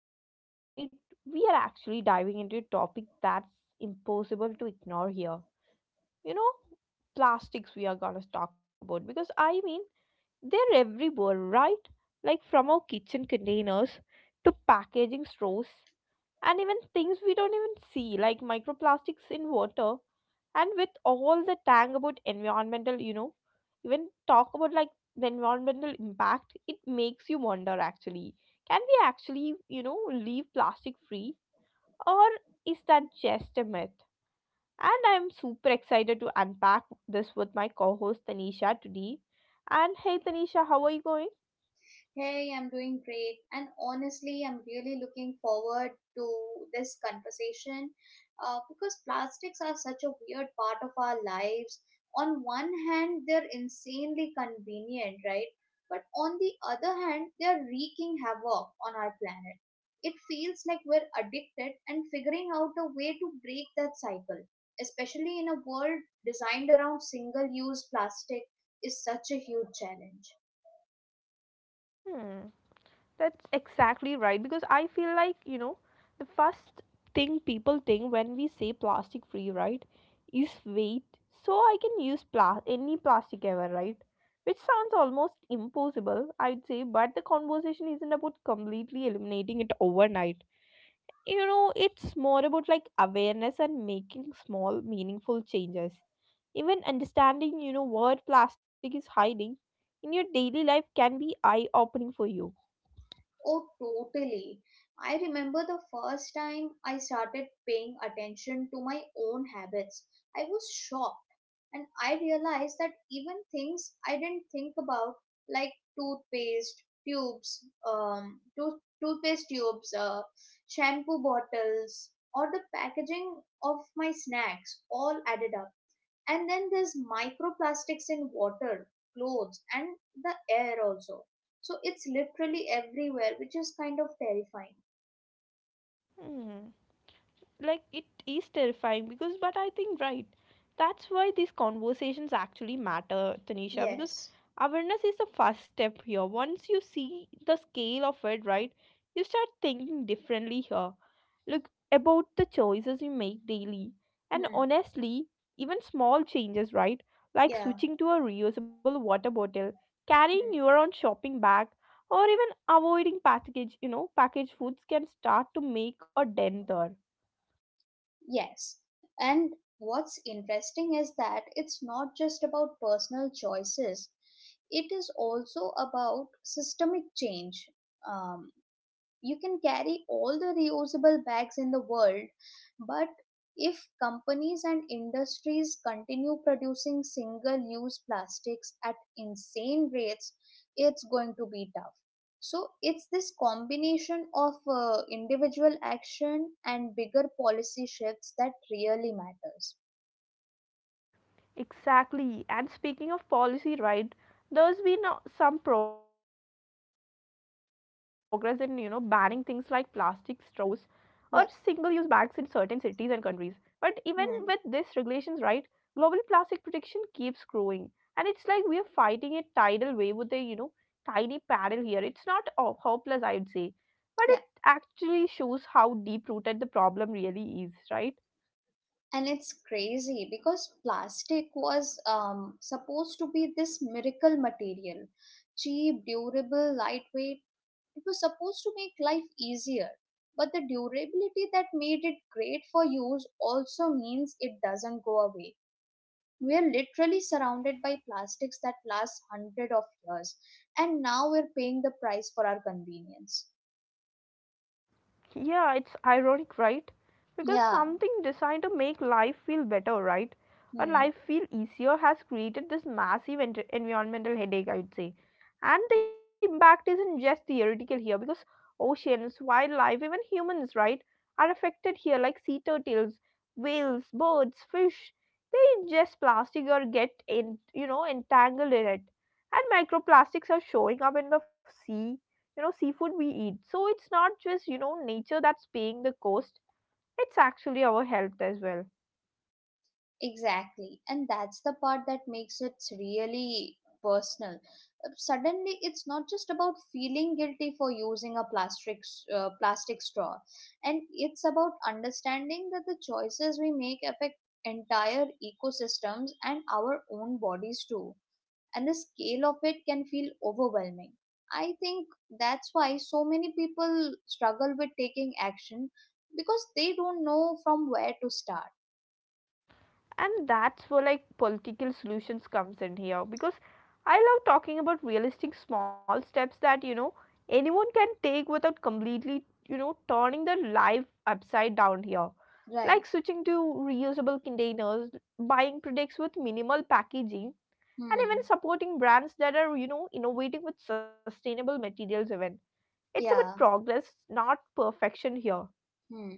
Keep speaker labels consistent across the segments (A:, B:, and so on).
A: And today, right, we are actually diving into a topic that's impossible to ignore here. You know, plastics we are gonna talk about because they're everywhere, right? Like from our kitchen containers to packaging straws, and even things we don't even see, like microplastics in water. And with all the tang about environmental, even talk about like the environmental impact, it makes you wonder actually, can we actually leave plastic free, or is that just a myth? And I'm super excited to unpack this with my co-host Tanisha today. And hey Tanisha, how are you going?
B: Hey, I'm doing great. And honestly, I'm really looking forward to this conversation because plastics are such a weird part of our lives. On one hand, they're insanely convenient, right? But on the other hand, they're wreaking havoc on our planet. It feels like we're addicted and figuring out a way to break that cycle, especially in a world designed around single use plastic, is such a huge challenge.
A: Hmm. That's exactly right because I feel like, you know, the first thing people think when we say plastic free, right, is weight. So I can use any plastic ever, right? Which sounds almost impossible, I'd say, but the conversation isn't about completely eliminating it overnight. You know, it's more about like awareness and making small, meaningful changes. Even understanding, you know, what plastic is hiding in your daily life can be eye opening for you.
B: Oh, totally. I remember the first time I started paying attention to my own habits. I was shocked and I realized that even things I didn't think about, like toothpaste tubes, toothpaste tubes, shampoo bottles, or the packaging of my snacks, all added up. And then there's microplastics in water, clothes, and the air also. So it's literally everywhere, which is kind of terrifying.
A: Hmm. Like it is terrifying, because but I think, right, that's why these conversations actually matter, Tanisha, because
B: Yes.
A: awareness is the first step here. Once you see the scale of it, right, you start thinking differently here, look about the choices you make daily. And
B: Hmm.
A: honestly, even small changes, right, like
B: Yeah.
A: switching to a reusable water bottle, carrying
B: Hmm.
A: your own shopping bag, or even avoiding package you know, packaged foods, can start to make a dent there.
B: Yes. And what's interesting is that it's not just about personal choices, it is also about systemic change. um, you can carry all the reusable bags in the world, but if companies and industries continue producing single use plastics at insane rates, it's going to be tough. So it's this combination of individual action and bigger policy shifts that really matters.
A: Exactly. And speaking of policy, right, there's been some progress in, you know, banning things like plastic straws or single-use bags in certain
B: Yeah.
A: cities and countries. But even with these
B: Hmm.
A: regulations, right, global plastic protection keeps growing. And it's like we are fighting a tidal wave with a, you know, tiny paddle here. It's not hopeless, I would say.
B: Yeah.
A: But it actually shows how deep-rooted the problem really is, right?
B: And it's crazy because plastic was supposed to be this miracle material, cheap, durable, lightweight. It was supposed to make life easier, but the durability that made it great for use also means it doesn't go away. We are literally surrounded by plastics that last hundred of years, and now we're paying the price for our convenience.
A: Yeah, it's ironic, right? Because
B: Yeah.
A: something designed to make life feel better, right? Or
B: Hmm.
A: life feel easier has created this massive environmental headache, I'd say. And the impact isn't just theoretical here, because oceans, wildlife, even humans, right, are affected here, like sea turtles, whales, birds, fish. They ingest plastic or get in, you know, entangled in it. And microplastics are showing up in the sea, you know, seafood we eat. So it's not just, you know, nature that's paying the cost, it's actually our health as well.
B: Exactly. And that's the part that makes it really personal. Suddenly, it's not just about feeling guilty for using a plastic straw, and it's about understanding that the choices we make affect entire ecosystems and our own bodies too. And the scale of it can feel overwhelming. I think that's why so many people struggle with taking action, because they don't know from where to start.
A: And that's where like political solutions comes in here, because I love talking about realistic small steps that, you know, anyone can take without completely, you know, turning their life upside down here.
B: Right.
A: Like switching to reusable containers, buying products with minimal packaging, and even
B: Hmm.
A: supporting brands that are, you know, innovating with sustainable materials even. It's about
B: Yeah.
A: progress, not perfection here.
B: Hmm.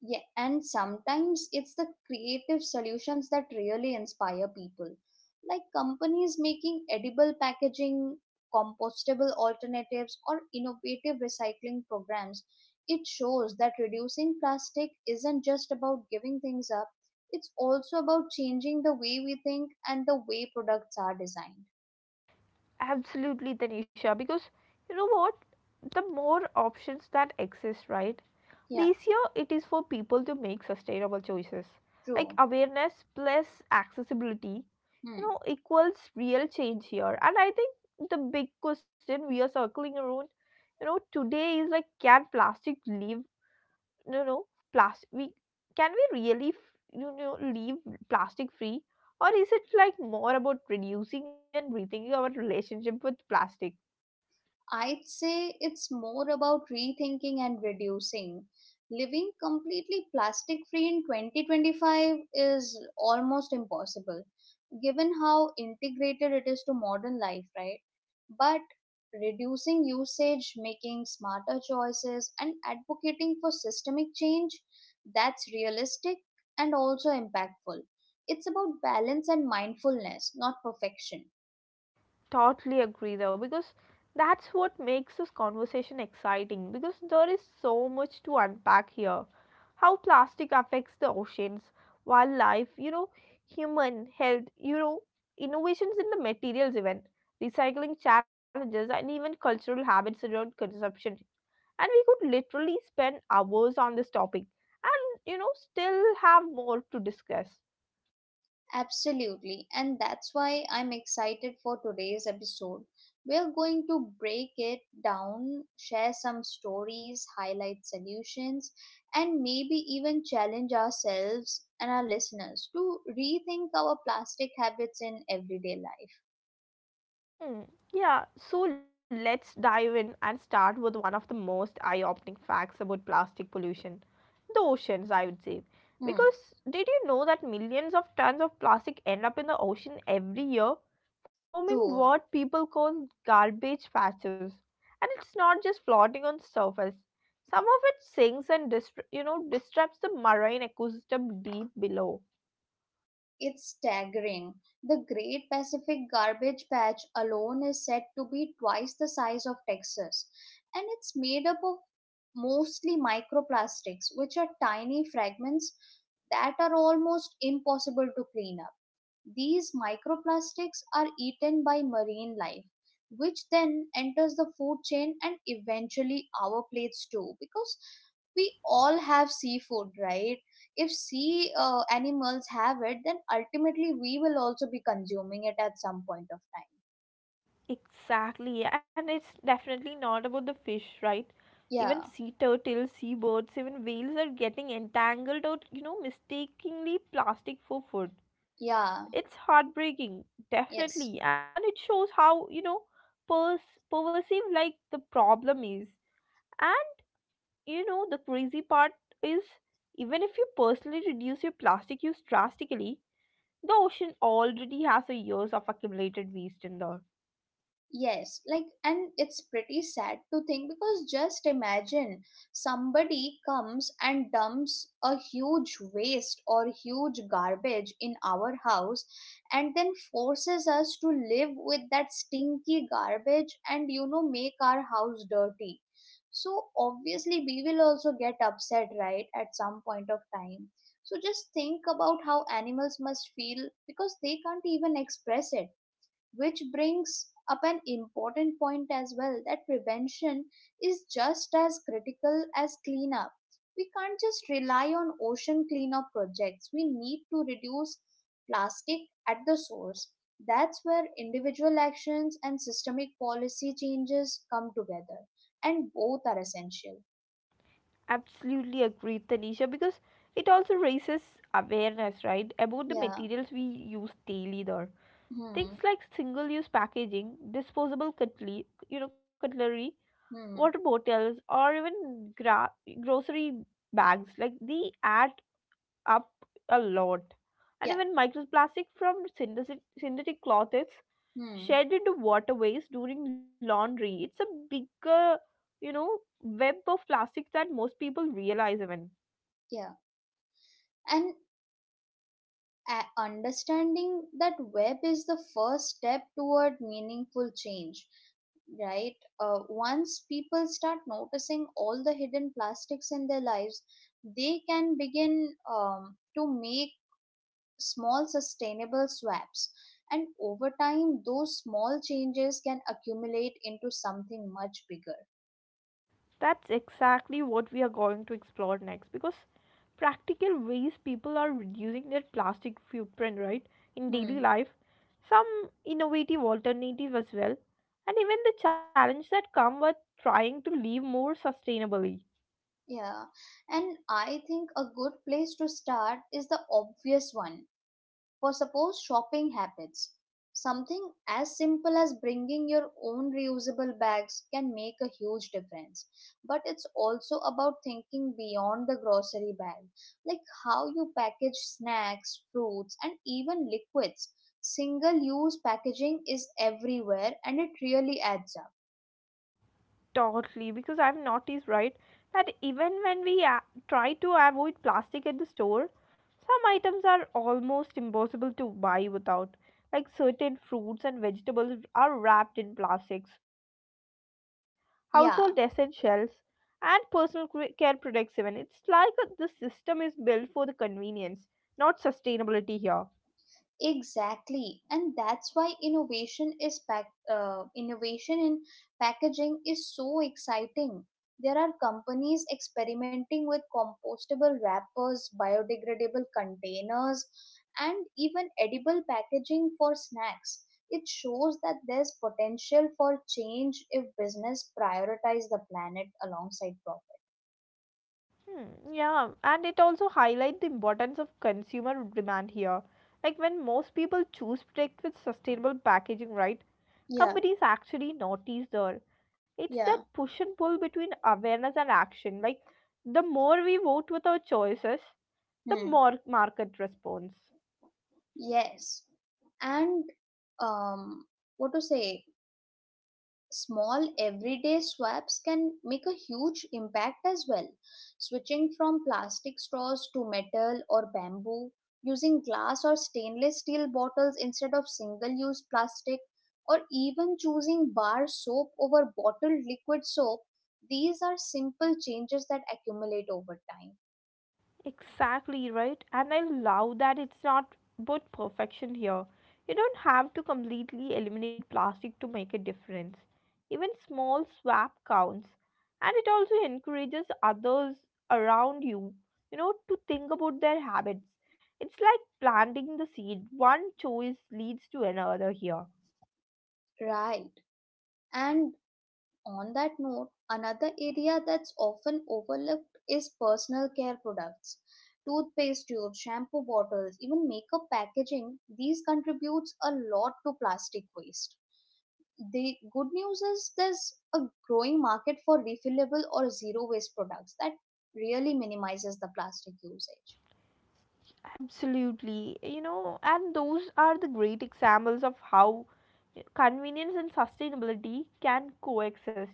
B: Yeah. And sometimes it's the creative solutions that really inspire people, like companies making edible packaging, compostable alternatives, or innovative recycling programs. It shows that reducing plastic isn't just about giving things up, it's also about changing the way we think and the way products are designed.
A: Absolutely, Tanisha, because you know what? The more options that exist, right? The
B: Yeah,
A: easier it is for people to make sustainable choices. Like
B: true.
A: awareness plus accessibility, you
B: Hmm.
A: know, equals real change here. And I think the big question we are circling around, you know, today is like, can plastic live, you know plastic we, can we really, leave plastic free, or is it like more about reducing and rethinking our relationship with plastic?
B: I'd say it's more about rethinking and reducing. Living completely plastic free in 2025 is almost impossible, given how integrated it is to modern life, right? But reducing usage, making smarter choices, and advocating for systemic change, that's realistic and also impactful. It's about balance and mindfulness, not perfection.
A: Totally agree though, because that's what makes this conversation exciting, because there is so much to unpack here. How plastic affects the oceans, wildlife, you know, human health, you know, innovations in the materials even, recycling challenges, and even cultural habits around consumption. And we could literally spend hours on this topic and, you know, still have more to discuss.
B: Absolutely, and that's why I'm excited for today's episode. We're going to break it down, share some stories, highlight solutions, and maybe even challenge ourselves and our listeners to rethink our plastic habits in everyday life.
A: Hmm. Yeah, so let's dive in and start with one of the most eye opening facts about plastic pollution, the oceans, I would say.
B: Hmm,
A: Because did you know that millions of tons of plastic end up in the ocean every year, forming
B: true.
A: what people call garbage patches? And it's not just floating on surface. Some of it sinks and you know, disrupts the marine ecosystem deep below.
B: It's staggering. The Great Pacific Garbage Patch alone is said to be twice the size of Texas, and it's made up of mostly microplastics, which are tiny fragments that are almost impossible to clean up. These microplastics are eaten by marine life, which then enters the food chain and eventually our plates too, because we all have seafood, right? If sea animals have it, then ultimately we will also be consuming it at some point of time.
A: Exactly, yeah, and it's definitely not about the fish, right?
B: Yeah,
A: Even sea turtles, seabirds, even whales are getting entangled or, you know, mistakenly plastic for food.
B: yeah,
A: It's heartbreaking,
B: yes.
A: definitely, and it shows how, you know, pervasive like the problem is. And, you know, the crazy part is, even if you personally reduce your plastic use drastically, the ocean already has a years of accumulated waste in there.
B: Yes, like, and it's pretty sad to think, because just imagine somebody comes and dumps a huge waste or huge garbage in our house and then forces us to live with that stinky garbage and, you know, make our house dirty. So, obviously, we will also get upset, right, at some point of time. So, just think about how animals must feel because they can't even express it, which brings up an important point as well, that prevention is just as critical as cleanup. We can't just rely on ocean cleanup projects. We need to reduce plastic at the source. That's where individual actions and systemic policy changes come together, and both are essential.
A: Absolutely agree, Tanisha, because it also raises awareness, right, about the
B: Yeah.
A: materials we use daily there.
B: Hmm.
A: Things like single-use packaging, disposable cutlery, you know, cutlery,
B: Hmm.
A: water bottles, or even grocery bags, like they add up a lot. And
B: Yeah.
A: even microplastic from synthetic clothes
B: Hmm.
A: shed into waterways during laundry. It's a bigger, you know, web of plastics than most people realize even.
B: Yeah. And understanding that web is the first step toward meaningful change, right? Once people start noticing all the hidden plastics in their lives, they can begin to make small sustainable swaps, and over time those small changes can accumulate into something much bigger.
A: That's exactly what we are going to explore next, because practical ways people are reducing their plastic footprint, right, in daily
B: Hmm.
A: life, some innovative alternative as well, and even the challenge that come with trying to live more sustainably.
B: Yeah, and I think a good place to start is the obvious one. For suppose shopping habits, something as simple as bringing your own reusable bags can make a huge difference. But it's also about thinking beyond the grocery bag, like how you package snacks, fruits, and even liquids. Single use packaging is everywhere and it really adds up.
A: Totally, because I've noticed, right, that even when we try to avoid plastic at the store, some items are almost impossible to buy without. Like certain fruits and vegetables are wrapped in plastics, household essentials,
B: Yeah.
A: and personal care products, even. It's like the system is built for the convenience, not sustainability here.
B: Exactly, and that's why innovation is pack, innovation in packaging is so exciting. There are companies experimenting with compostable wrappers, biodegradable containers, and even edible packaging for snacks. It shows that there's potential for change if business prioritize the planet alongside profit.
A: Hmm, yeah, and it also highlights the importance of consumer demand here. Like when most people choose products with sustainable packaging, right?
B: Yeah,
A: Companies actually notice there. It's that
B: yeah.
A: push and pull between awareness and action. Like the more we vote with our choices, the
B: Hmm.
A: more market responds.
B: Yes. And um what to say small everyday swaps can make a huge impact as well. Switching from plastic straws to metal or bamboo, using glass or stainless steel bottles instead of single use plastic, or even choosing bar soap over bottled liquid soap, these are simple changes that accumulate over time.
A: Exactly right. And I love that it's not about perfection here. You don't have to completely eliminate plastic to make a difference. Even small swap counts. And it also encourages others around you, you know, to think about their habits. It's like planting the seed. One choice leads to another here.
B: Right. And on that note, another area that's often overlooked is personal care products. Toothpaste tubes, shampoo bottles, even makeup packaging, these contributes a lot to plastic waste. The good news is there's a growing market for refillable or zero waste products that really minimizes the plastic usage.
A: Absolutely. You know, and those are the great examples of how convenience and sustainability can coexist.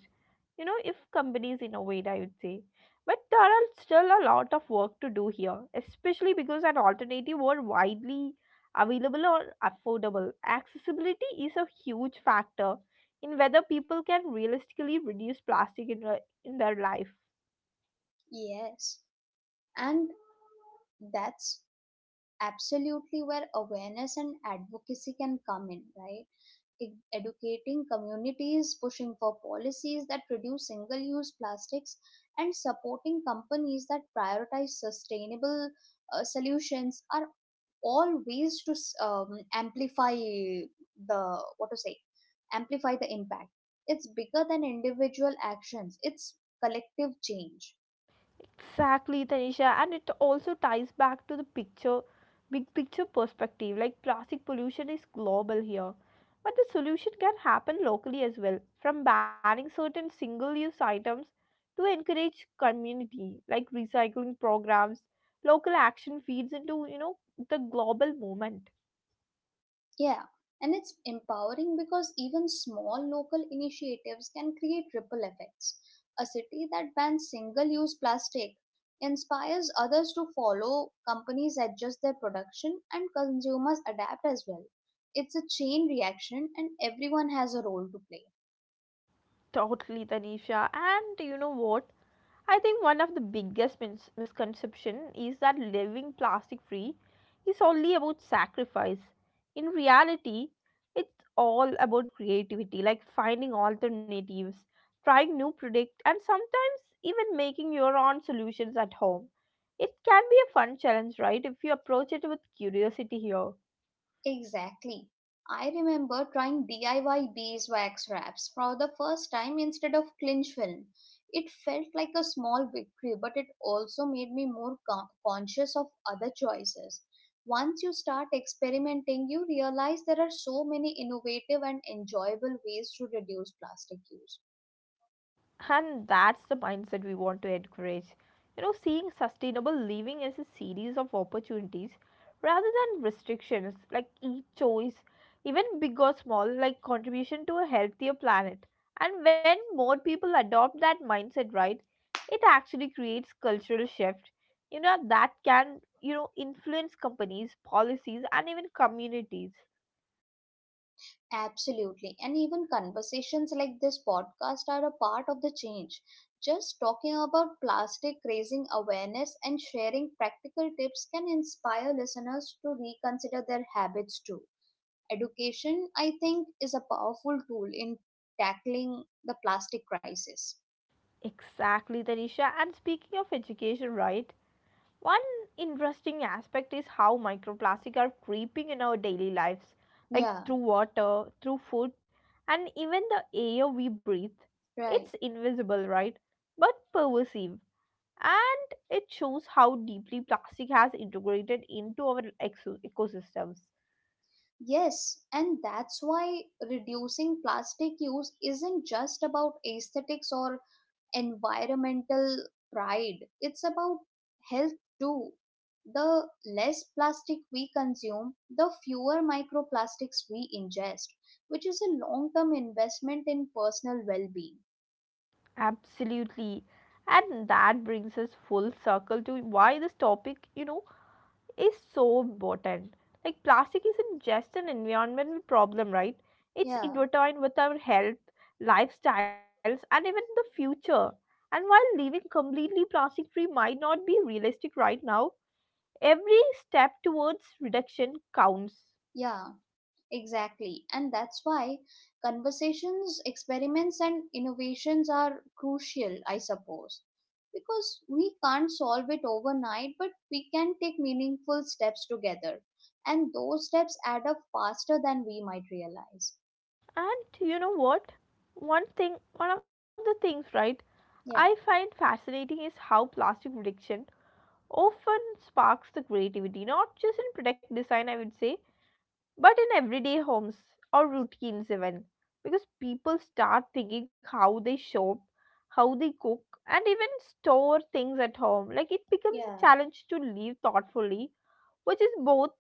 A: You know, if companies innovate, I would say. But there are still a lot of work to do here, especially because an alternative were widely available or affordable. Accessibility is a huge factor in whether people can realistically reduce plastic in, in their life.
B: Yes, and that's absolutely where awareness and advocacy can come in, right? Educating communities, pushing for policies that reduce single use plastics, and supporting companies that prioritize sustainable solutions are all ways to s- amplify the what to say amplify the impact. It's bigger than individual actions, it's collective change.
A: Exactly, Tanisha, and it also ties back to the picture, big picture perspective. Like plastic pollution is global here, but the solution can happen locally as well. From banning certain single-use items to encourage community, like recycling programs, local action feeds into, you know, the global movement.
B: Yeah, and it's empowering because even small local initiatives can create ripple effects. A city that bans single use plastic inspires others to follow, companies adjust their production, and consumers adapt as well. It's a chain reaction, and everyone has a role to play.
A: Totally, Tanisha, and you know what? I think one of the biggest misconception is that living plastic free is only about sacrifice. In reality, it's all about creativity, like finding alternatives, trying new product, and sometimes even making your own solutions at home. It can be a fun challenge, right? If you approach it with curiosity here.
B: Exactly. I remember trying DIY beeswax wraps for the first time instead of clinch film. It felt like a small victory, but it also made me more conscious of other choices. Once you start experimenting, you realize there are so many innovative and enjoyable ways to reduce plastic use.
A: And that's the mindset we want to encourage. You know, seeing sustainable living as a series of opportunities rather than restrictions, like each choice, even big or small, like contribution to a healthier planet. And when more people adopt that mindset, right, it actually creates cultural shift. You know, that can, you know, influence companies, policies, and even communities.
B: Absolutely. And even conversations like this podcast are a part of the change. Just talking about plastic, raising awareness, and sharing practical tips can inspire listeners to reconsider their habits too. Education, I think, is a powerful tool in tackling the plastic crisis.
A: Exactly, Tanisha. And speaking of education, right? One interesting aspect is how microplastic are creeping in our daily lives, like
B: Yeah,
A: through water, through food, and even the air we breathe.
B: right.
A: It's invisible, right? But pervasive. And it shows how deeply plastic has integrated into our ecosystems.
B: Yes, and that's why reducing plastic use isn't just about aesthetics or environmental pride. It's about health too. The less plastic we consume, the fewer microplastics we ingest, which is a long term investment in personal well being.
A: Absolutely. And that brings us full circle to why this topic, you know, is so important. Like plastic isn't just an environmental problem, right? It's
B: Yeah,
A: intertwined with our health, lifestyles, and even the future. And while living completely plastic free might not be realistic right now, every step towards reduction counts.
B: yeah. Exactly. And that's why conversations, experiments, and innovations are crucial, I suppose. Because we can't solve it overnight, but we can take meaningful steps together. And those steps add up faster than we might realize.
A: And you know what? One of the things, right, I
B: Yeah.
A: find fascinating is how plastic reduction often sparks the creativity, not just in product design, I would say, but in everyday homes or routines even, because people start thinking how they shop, how they cook, and even store things at home. Like it becomes a
B: Yeah.
A: challenge to live thoughtfully, which is both,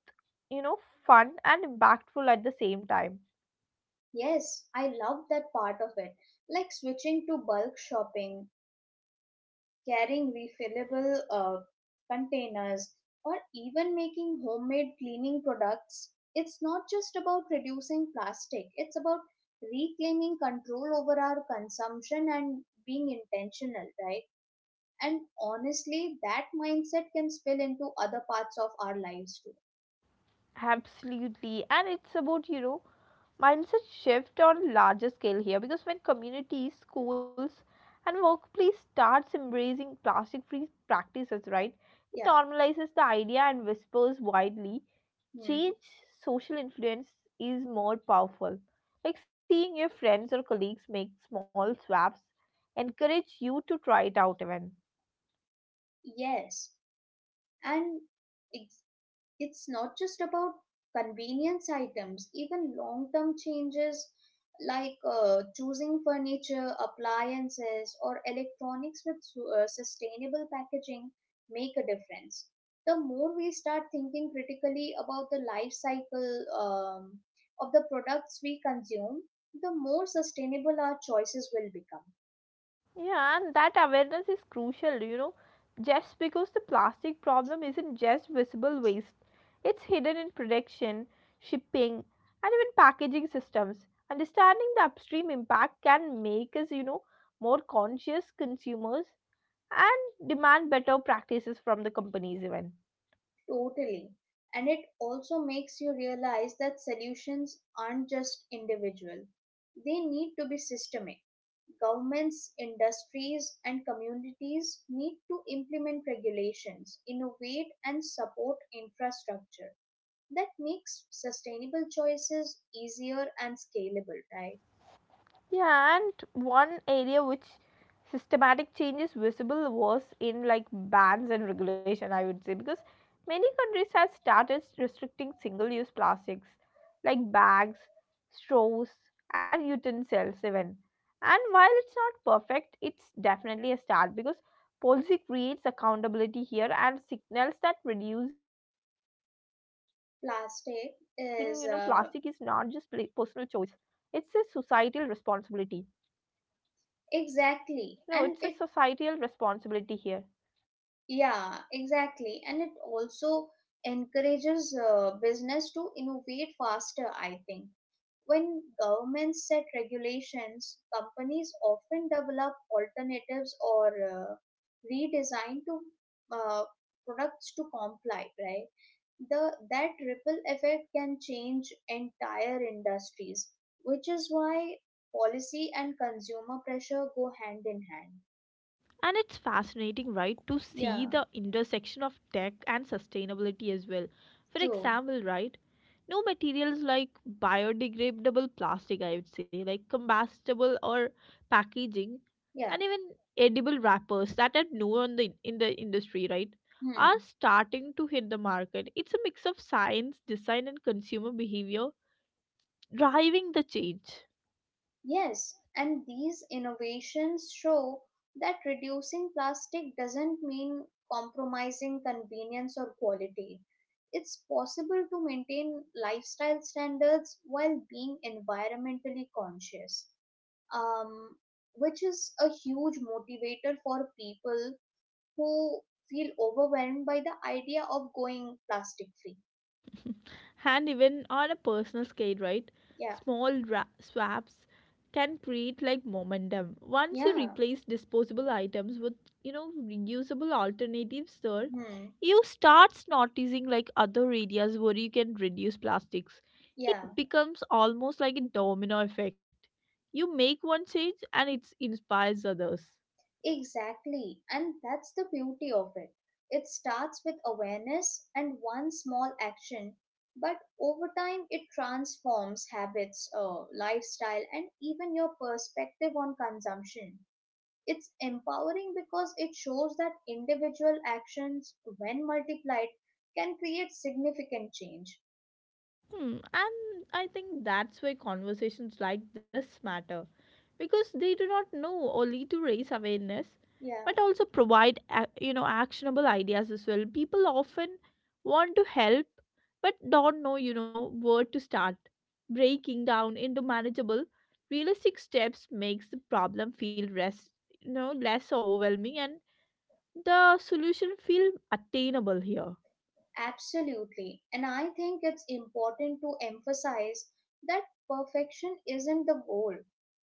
A: you know, fun and impactful at the same time.
B: Yes, I love that part of it. Like switching to bulk shopping, carrying refillable containers, or even making homemade cleaning products, it's not just about reducing plastic, it's about reclaiming control over our consumption and being intentional, right? And honestly, that mindset can spill into other parts of our lives too.
A: Absolutely, and it's about, you know, mindset shift on a larger scale here, because when communities, schools, and workplace starts embracing plastic free practices, right, it
B: Yeah.
A: normalizes the idea and whispers widely
B: Hmm.
A: change. Social influence is more powerful, like seeing your friends or colleagues make small swaps encourage you to try it out even.
B: Yes. And it's not just about convenience items, even long term changes like choosing furniture, appliances, or electronics with sustainable packaging make a difference. The more we start thinking critically about the life cycle of the products we consume, the more sustainable our choices will become.
A: Yeah, and that awareness is crucial, you know, just because the plastic problem isn't just visible waste, it's hidden in production, shipping, and even packaging systems. Understanding the upstream impact can make us, more conscious consumers and demand better practices from the companies, even.
B: Totally. And it also makes you realize that solutions aren't just individual. They need to be systemic. Governments, industries, and communities need to implement regulations, innovate, and support infrastructure that makes sustainable choices easier and scalable, right?
A: Yeah, and one area which systematic change is visible was in like bans and regulation, I would say, because many countries have started restricting single use plastics like bags, straws, and utensils, even. And while it's not perfect, it's definitely a start because policy creates accountability here and signals that reducing, plastic is not just personal
B: Plastic
A: choice,
B: is
A: it's a societal responsibility. No, it's a
B: Exactly, and
A: societal
B: it,
A: responsibility here.
B: yeah, exactly. And it also encourages business to innovate faster, I think. When governments set regulations, companies often develop alternatives or redesign to uh, products to comply, right? The that ripple effect can change entire industries, which is why policy and consumer pressure go hand in hand.
A: And it's fascinating, right, to see
B: Yeah,
A: the intersection of tech and sustainability as well. For
B: true.
A: example, right, no materials like biodegradable plastic, I would say, like combustible or packaging,
B: Yeah.
A: and even edible wrappers that are known in the industry, right, are
B: Hmm.
A: starting to hit the market. It's a mix of science, design, and consumer behavior driving the change.
B: Yes, and these innovations show that reducing plastic doesn't mean compromising convenience or quality. It's possible to maintain lifestyle standards while being environmentally conscious, um, which is a huge motivator for people who feel overwhelmed by the idea of going plastic free.
A: And even on a personal scale, right?
B: Yeah,
A: Small swaps can create like momentum. Once you
B: yeah,
A: replace disposable items with, reusable alternatives, there,
B: hmm,
A: you starts noticing like other areas where you can reduce plastics.
B: yeah.
A: It becomes almost like a domino effect. You make one change and it inspires others.
B: Exactly, and that's the beauty of it. It starts with awareness and one small action, but over time it transforms habits, lifestyle, and even your perspective on consumption. It's empowering because it shows that individual actions, when multiplied, can create significant change.
A: Hmm. And I think that's why conversations like this matter because they do not know only to raise awareness but
B: Yeah.
A: also provide actionable ideas as well. People often want to help but don't know where to start. Breaking down into manageable realistic steps makes the problem feel rest less overwhelming and the solution feel attainable here.
B: Absolutely. And I think it's important to emphasize that perfection isn't the goal.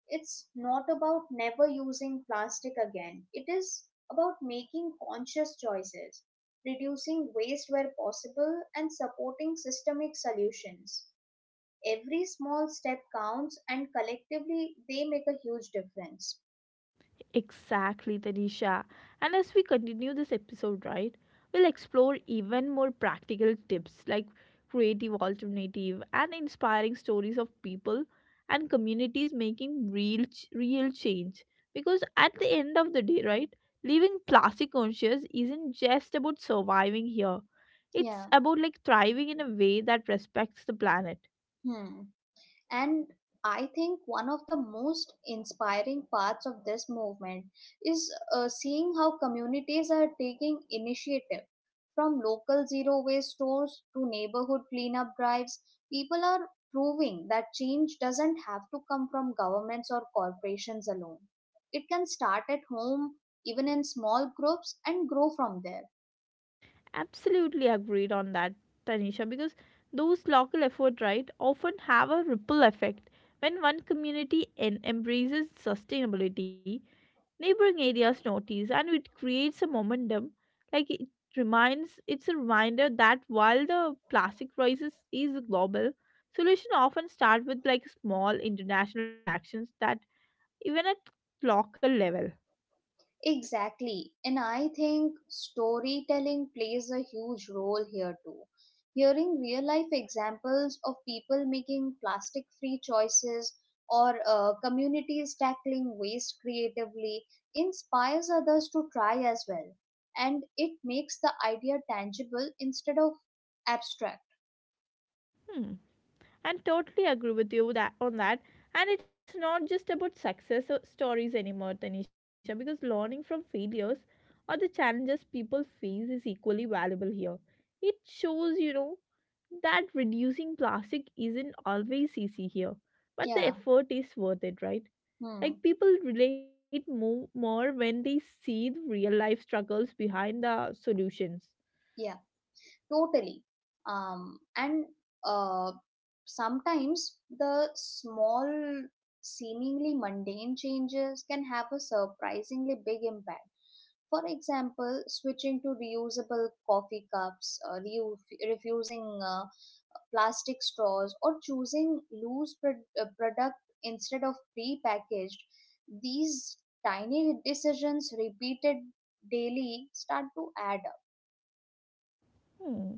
B: It's not about never using plastic again. It is about making conscious choices, reducing waste where possible, and supporting systemic solutions. Every small step counts, and collectively, they make a huge difference.
A: Exactly, Tanisha. And as we continue this episode, right, we'll explore even more practical tips like creative alternative and inspiring stories of people and communities making real change because at the end of the day, right, living plastic conscious isn't just about surviving here. It's
B: Yeah.
A: about like thriving in a way that respects the planet.
B: Hmm. And I think one of the most inspiring parts of this movement is seeing how communities are taking initiative. From local zero waste stores to neighborhood cleanup drives, people are proving that change doesn't have to come from governments or corporations alone. It can start at home, even in small groups, and grow from there.
A: Absolutely agreed on that, Tanisha, because those local efforts, right, often have a ripple effect. When one community embraces sustainability, neighboring areas notice and it creates a momentum. Like it's a reminder that while the plastic crisis is global, solution often start with like small international actions that even at local level.
B: Exactly. And I think storytelling plays a huge role here too. Hearing real life examples of people making plastic free choices or communities tackling waste creatively inspires others to try as well. And it makes the idea tangible instead of abstract.
A: Hmm. And totally agree with you that on that, and it's not just about success or stories anymore, Tanisha, because learning from failures or the challenges people face is equally valuable here. It shows, that reducing plastic isn't always easy here, but
B: Yeah.
A: the effort is worth it, right?
B: Hmm.
A: Like people relate more when they see the real life struggles behind the solutions.
B: Yeah. Totally. And uh, sometimes the small, seemingly mundane changes can have a surprisingly big impact. For example, switching to reusable coffee cups, refusing plastic straws, or choosing product instead of pre-packaged. These tiny decisions repeated daily start to add up.
A: Hmm.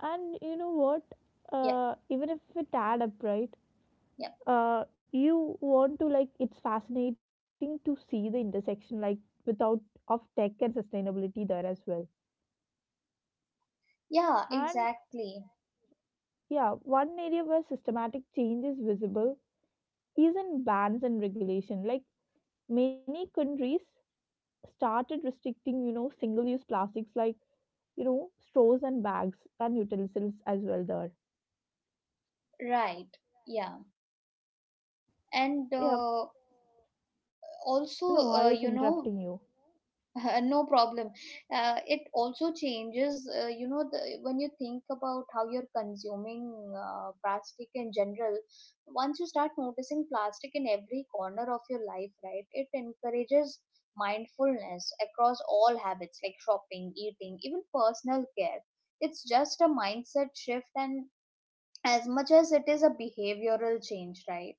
A: And you know what,
B: Yeah,
A: even if it add up, right,
B: yeah.
A: you want to like it's fascinating to see the intersection like without of tech and sustainability there as well.
B: Yeah,
A: And
B: exactly.
A: yeah, one area where systematic change is visible is in bans and regulation, like many countries started restricting single use plastics like straws and bags and utensils as well there.
B: Right. Yeah. And
A: Yeah,
B: also,
A: no, I
B: uh,
A: was
B: you know,
A: interrupting you.
B: no problem. It also changes, the, when you think about how you're consuming plastic in general, once you start noticing plastic in every corner of your life, right, it encourages mindfulness across all habits like shopping, eating, even personal care. It's just a mindset shift and as much as it is a behavioral change, right?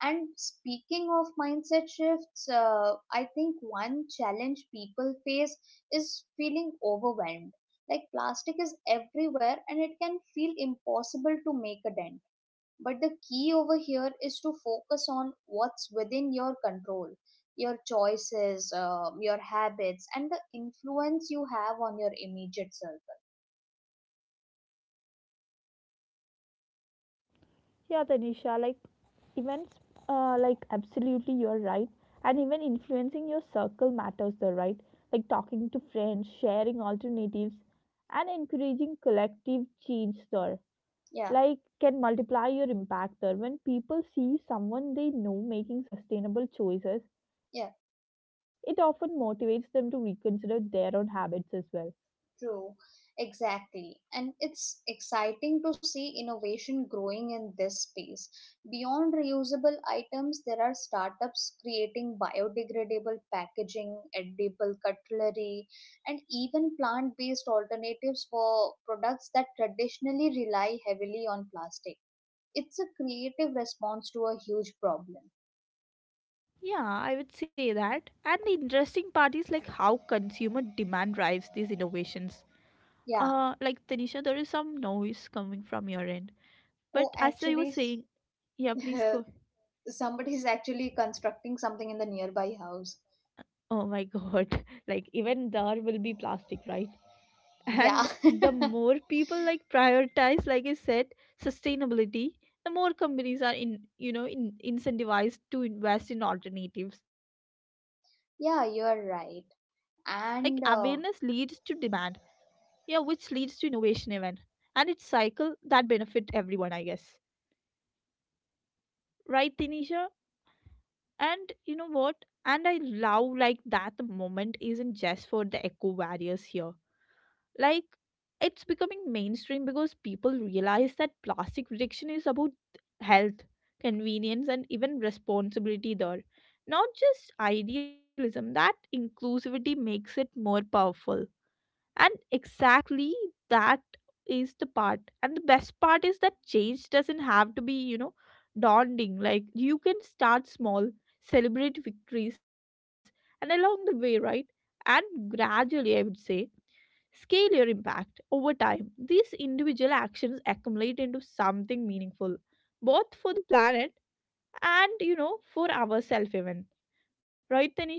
B: And speaking of mindset shifts, I think one challenge people face is feeling overwhelmed. Like plastic is everywhere and it can feel impossible to make a dent. But the key over here is to focus on what's within your control, your choices, your habits, and the influence you have on your immediate circle.
A: Yeah, Tanisha, like events, like absolutely you're right. And even influencing your circle matters there, right? Like talking to friends, sharing alternatives, and encouraging collective change there.
B: Yeah,
A: Like can multiply your impact there. When people see someone they know making sustainable choices,
B: yeah.
A: it often motivates them to reconsider their own habits as well.
B: True, exactly. And it's exciting to see innovation growing in this space. Beyond reusable items, there are startups creating biodegradable packaging, edible cutlery, and even plant based alternatives for products that traditionally rely heavily on plastic. It's a creative response to a huge problem.
A: Yeah, I would say that. And the interesting part is like how consumer demand drives these innovations.
B: Yeah.
A: Like Tanisha, there is some noise coming from your end. But
B: Oh,
A: as I was
B: actually,
A: saying, yeah, please go.
B: somebody's actually constructing something in the nearby house.
A: Oh my God. Like even there will be plastic, right?
B: Yeah.
A: And the more people like prioritize, like I said, sustainability, the more companies are in, incentivized to invest in alternatives. Like awareness leads
B: Yeah,
A: to
B: you're
A: demand,
B: right.
A: yeah,
B: And
A: which leads to innovation even. And it's cycle that benefit everyone, I guess. Right, Tanisha? And you know what, and I love like that the moment isn't just for the eco warriors here. Like it's becoming mainstream because people realize that plastic reduction is about health, convenience, and even responsibility there, not just idealism. That inclusivity makes it more powerful, and exactly that is the part. And the best part is that change doesn't have to be, daunting. Like you can start small, celebrate victories, and along the way, right? And gradually, I would say, scale your impact over time. These individual actions accumulate into something meaningful, both for the planet and, for ourselves, even. Right, Tanisha?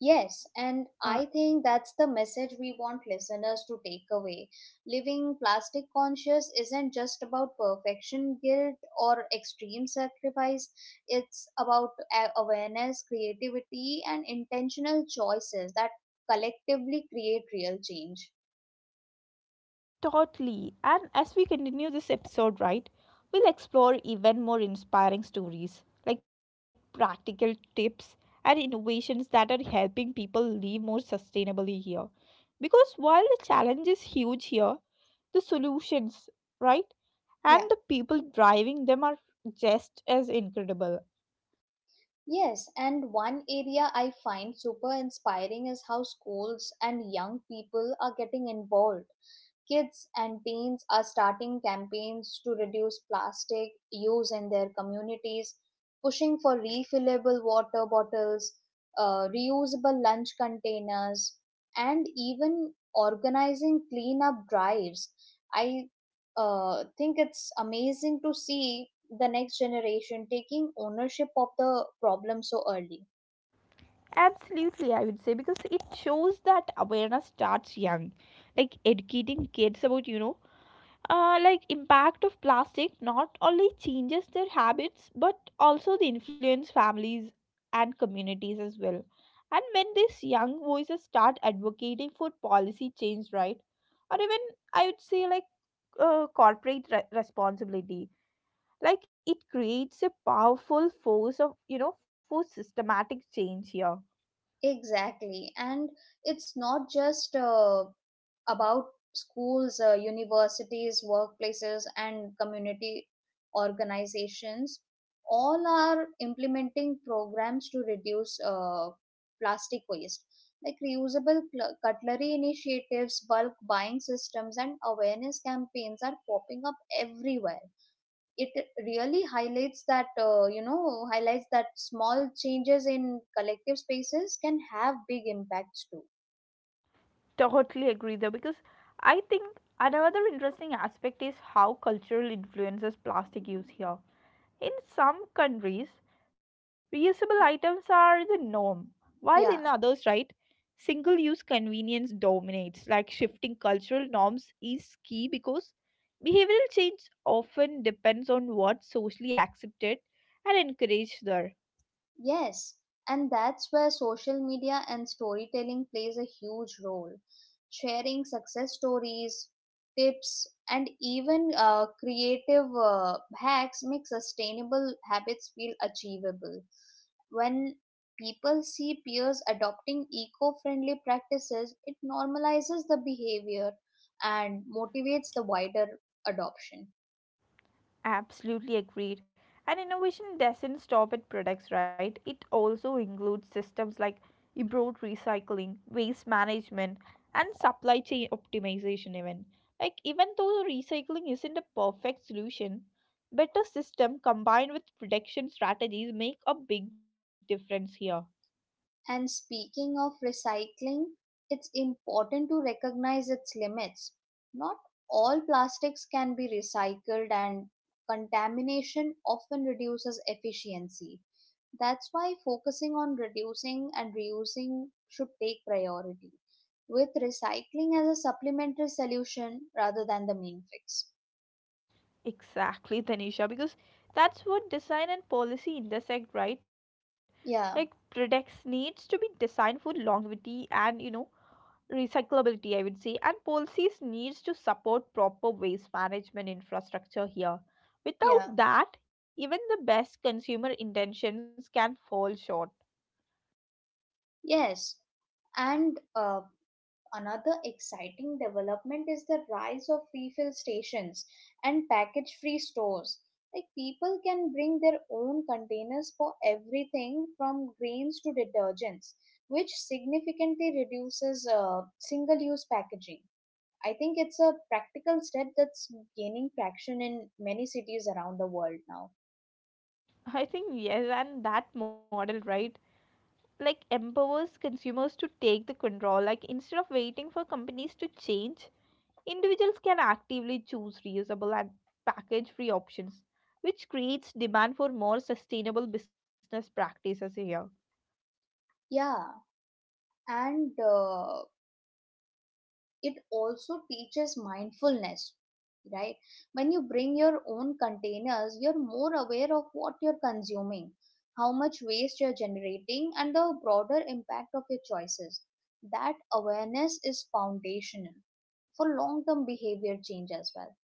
B: yes, and
A: Uh,
B: I think that's the message we want listeners to take away. Living plastic conscious isn't just about perfection guilt or extreme sacrifice, it's about awareness, creativity, and intentional choices that collectively create real change.
A: Totally. And as we continue this episode, right, we'll explore even more inspiring stories, like practical tips and innovations that are helping people live more sustainably here. Because while the challenge is huge here, the solutions, right, and
B: Yeah.
A: the people driving them are just as incredible.
B: Yes, and one area I find super inspiring is how schools and young people are getting involved. Kids and teens are starting campaigns to reduce plastic use in their communities, pushing for refillable water bottles, reusable lunch containers, and even organizing cleanup drives. I think it's amazing to see the next generation taking ownership of the problem so early.
A: Absolutely, I would say, because it shows that awareness starts young. Like educating kids about, like impact of plastic not only changes their habits but also the influence families and communities as well. And when these young voices start advocating for policy change, right, or even I would say like corporate responsibility, like it creates a powerful force of for systematic change here.
B: Exactly. And it's not just about schools, universities, workplaces, and community organizations. All are implementing programs to reduce plastic waste, like reusable cutlery initiatives, bulk buying systems, and awareness campaigns are popping up everywhere. It really highlights that small changes in collective spaces can have big impacts too.
A: Totally agree there because I think another interesting aspect is how cultural influences plastic use here. In some countries, reusable
B: Yeah.
A: items are the norm, while
B: Yeah.
A: in others, right, single use convenience dominates. Like shifting cultural norms is key because behavioral change often depends on what's socially accepted and encouraged there.
B: Yes, and that's where social media and storytelling plays a huge role. Sharing success stories, tips, and even creative hacks make sustainable habits feel achievable. When people see peers adopting eco friendly practices, it normalizes the behavior and motivates the wider adoption.
A: Absolutely agreed. And innovation doesn't stop at products, right? It also includes systems like improved recycling, waste management, and supply chain optimization even. Like even though recycling isn't a perfect solution, better system combined with protection strategies make a big difference here.
B: And speaking of recycling, it's important to recognize its limits. Not all plastics can be recycled, and contamination often reduces efficiency. That's why focusing on reducing and reusing should take priority, with recycling as a supplementary solution rather than the main fix.
A: Exactly, Tanisha, because that's what design and policy intersect, right? Like
B: Yeah,
A: products needs to be designed for longevity and recyclability, I would say, and policies needs to support proper waste management infrastructure here. Without
B: yeah,
A: that, even the best consumer intentions can fall short.
B: yes. And another exciting development is the rise of refill stations and package free stores. Like people can bring their own containers for everything from grains to detergents, which significantly reduces single use packaging. I think it's a practical step that's gaining traction in many cities around the world now.
A: I think yes, and that model right, like empowers consumers to take the control, like instead of waiting for companies to change, individuals can actively choose reusable and package free options, which creates demand for more sustainable business practices here.
B: Yeah, and it also teaches mindfulness, right? When you bring your own containers, you're more aware of what you're consuming, how much waste you're generating, and the broader impact of your choices. That awareness is foundational for long term behavior change as well.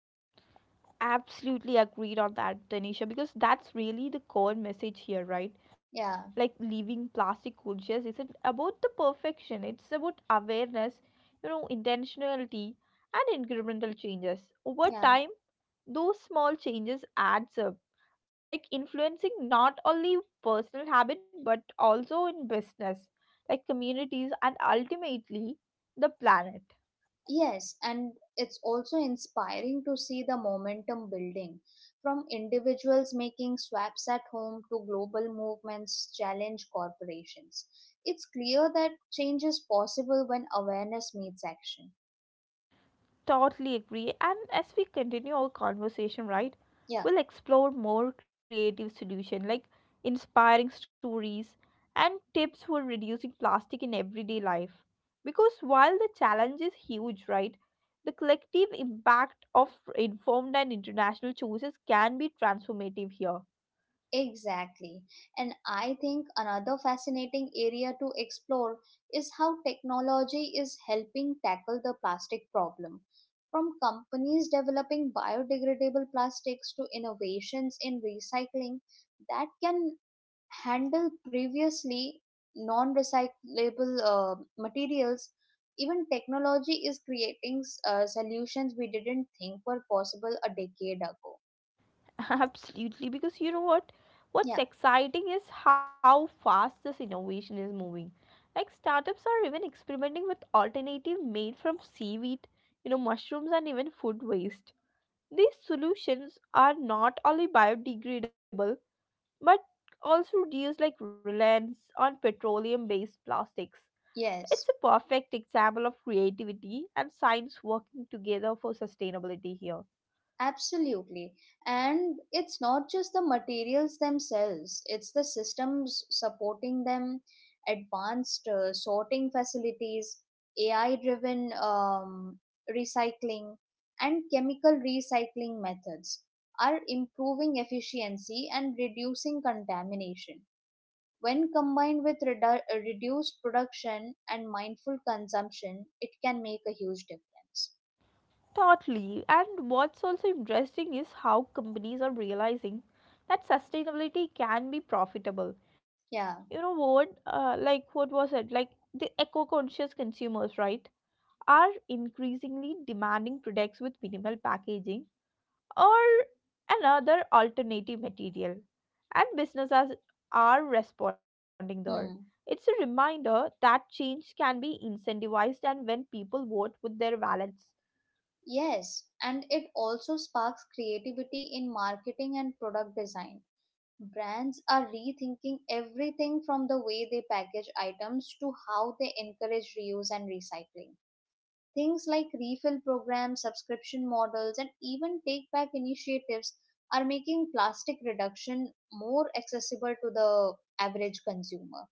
A: Absolutely agreed on that, Tanisha, because that's really the core message here, right?
B: Yeah.
A: Like leaving plastic cultures isn't about the perfection, it's about awareness, intentionality and incremental changes. Over
B: Yeah.
A: time, those small changes adds up, like influencing not only personal habit but also in business, like communities and ultimately the planet.
B: Yes, and it's also inspiring to see the momentum building from individuals making swaps at home to global movements challenge corporations. It's clear that change is possible when awareness meets action.
A: Totally agree. And as we continue our conversation, right,
B: Yeah.
A: we'll explore more creative solutions like inspiring stories and tips for reducing plastic in everyday life. Because while the challenge is huge, right, the collective impact of informed and international choices can be transformative here.
B: Exactly. And I think another fascinating area to explore is how technology is helping tackle the plastic problem. From companies developing biodegradable plastics to innovations in recycling that can handle previously non recyclable materials, even technology is creating solutions we didn't think were possible a decade ago.
A: Absolutely, because you know what?
B: Yeah,
A: What's exciting is how fast this innovation is moving. Like startups are even experimenting with alternative made from seaweed, mushrooms and even food waste. These solutions are not only biodegradable but also reduce like reliance on petroleum-based plastics. It's
B: yes.
A: a perfect example of creativity and science working together for sustainability here.
B: Absolutely. And it's not just the materials themselves, it's the systems supporting them, advanced sorting facilities, AI driven recycling, and chemical recycling methods are improving efficiency and reducing contamination. When combined with reduced production and mindful consumption, it can make a huge difference.
A: Totally. And what's also interesting is how companies are realizing that sustainability can be profitable.
B: Yeah.
A: You know what? Like, what was it? Like, the eco conscious consumers, right, are increasingly demanding products with minimal packaging or another alternative material. And businesses are responding there. It's a
B: Hmm.
A: reminder that change can be incentivized and when people vote with their wallets.
B: Yes, and it also sparks creativity in marketing and product design. Brands are rethinking everything from the way they package items to how they encourage reuse and recycling. Things like refill programs, subscription models, and even take back initiatives are making plastic reduction more accessible to the average consumer.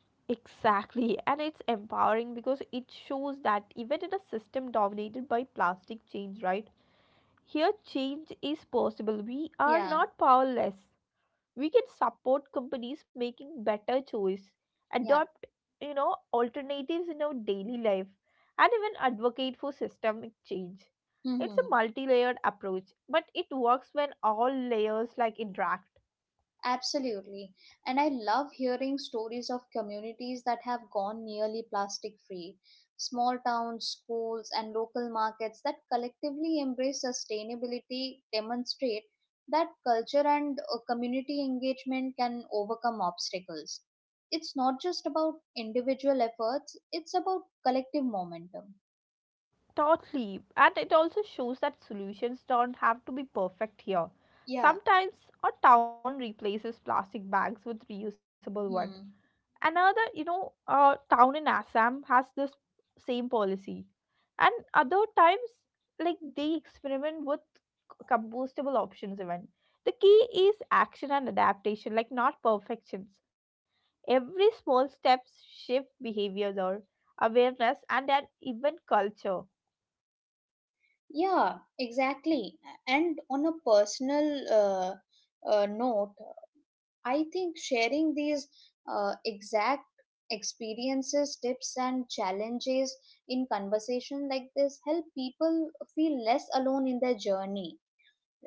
A: Exactly, and it's empowering because it shows that even in a system dominated by plastic change, right? Here, change is possible. We are
B: Yeah,
A: not powerless. We can support companies making better choice,
B: yeah.
A: adopt, alternatives in our daily life, and even advocate for systemic change. It's a
B: Hmm.
A: multi-layered approach, but it works when all layers like interact.
B: Absolutely. And I love hearing stories of communities that have gone nearly plastic free. Small towns, schools, and local markets that collectively embrace sustainability demonstrate that culture and community engagement can overcome obstacles. It's not just about individual efforts, it's about collective momentum.
A: Totally. And it also shows that solutions don't have to be perfect here.
B: Yeah.
A: Sometimes a town replaces plastic bags with reusable one.
B: Hmm.
A: Another, town in Assam has this same policy. And other times, like they experiment with compostable options even. The key is action and adaptation, like not perfections. Every small steps shift behavior, or awareness, and then even culture.
B: Yeah, exactly. And on a personal note, I think sharing these exact experiences, tips, and challenges in conversation like this help people feel less alone in their journey,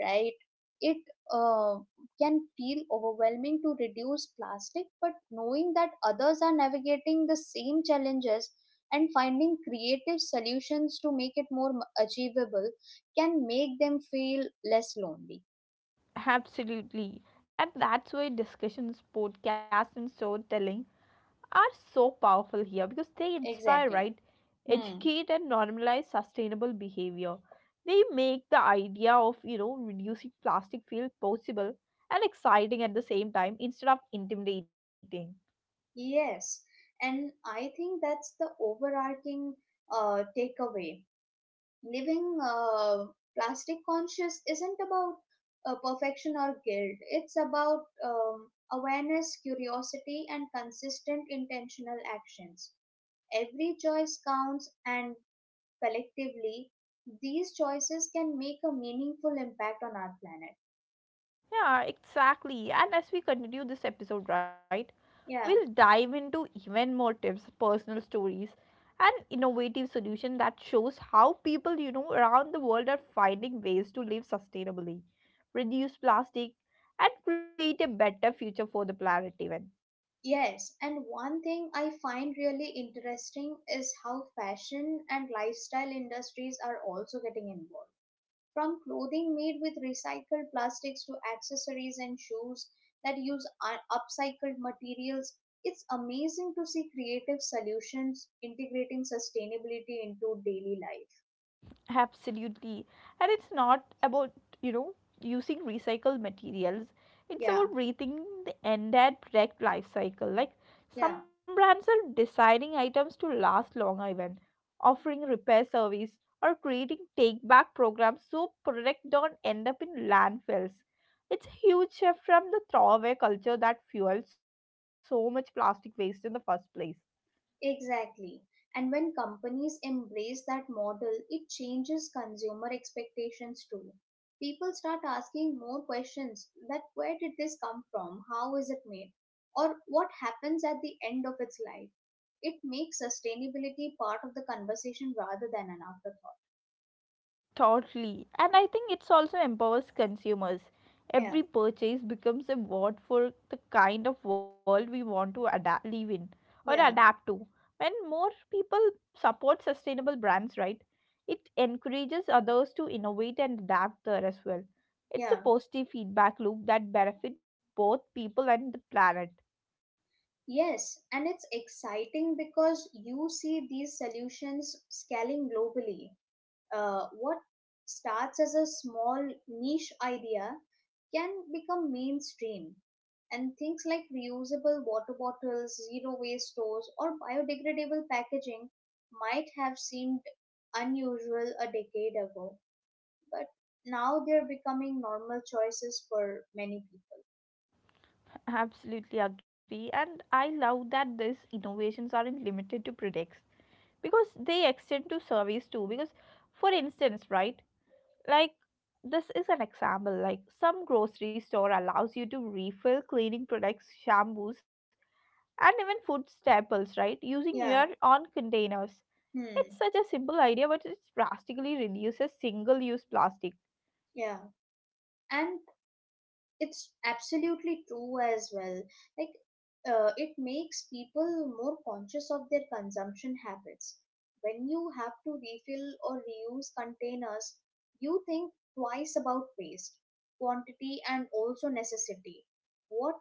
B: right? It uh, can feel overwhelming to reduce plastic, but knowing that others are navigating the same challenges and finding creative solutions to make it more achievable can make them feel less lonely.
A: Absolutely. And that's why discussions, podcasts, and storytelling are so powerful here because they inspire, right?
B: Exactly. Hmm.
A: Educate and normalize sustainable behavior. They make the idea of, reducing plastic feel possible and exciting at the same time instead of intimidating.
B: Yes, and I think that's the overarching takeaway. Living plastic conscious isn't about perfection or guilt, it's about awareness, curiosity, and consistent intentional actions. Every choice counts, and collectively, these choices can make a meaningful impact on our planet.
A: Yeah, exactly. And as we continue this episode, right, we'll
B: Yeah.
A: dive into even more tips, personal stories, and innovative solution that shows how people, around the world are finding ways to live sustainably, reduce plastic, and create a better future for the planet even.
B: Yes, and one thing I find really interesting is how fashion and lifestyle industries are also getting involved. From clothing made with recycled plastics to accessories and shoes that use upcycled materials, it's amazing to see creative solutions integrating sustainability into daily life.
A: Absolutely. And it's not about, you know, using recycled materials.
B: Yeah,
A: It's about breathing the entire product life cycle. Like
B: yeah.
A: some brands are designing items to last longer even, offering repair service or creating take back programs so products don't end up in landfills. It's a huge shift from the throwaway culture that fueled so much plastic waste in the first place.
B: Exactly. And when companies embrace that model, it changes consumer expectations too. People start asking more questions that where did this come from? How is it made? Or what happens at the end of its life? It makes sustainability part of the conversation rather than an afterthought.
A: Totally. And I think it's also empowers consumers. Every
B: Yeah,
A: purchase becomes a vote for the kind of world we want to adapt, live in or adapt
B: yeah,
A: to. When more people support sustainable brands, right, it encourages others to innovate and adapt there as well. It's a
B: yeah.
A: positive feedback loop that benefits both people and the planet.
B: Yes, and it's exciting because you see these solutions scaling globally. What starts as a small niche idea can become mainstream. And things like reusable water bottles, zero waste stores, or biodegradable packaging might have seemed unusual a decade ago, but now they're becoming normal choices for many people.
A: Absolutely agree. And I love that these innovations aren't limited to products because they extend to service too because for instance right like this is an example like some grocery store allows you to refill cleaning products shampoos and even food staples right using your
B: Yeah.
A: own containers. It's
B: Hmm.
A: such a simple idea but it drastically reduces single use plastic.
B: Yeah. And it's absolutely true as well, like it makes people more conscious of their consumption habits. When you have to refill or reuse containers, you think twice about waste, quantity, and also necessity. what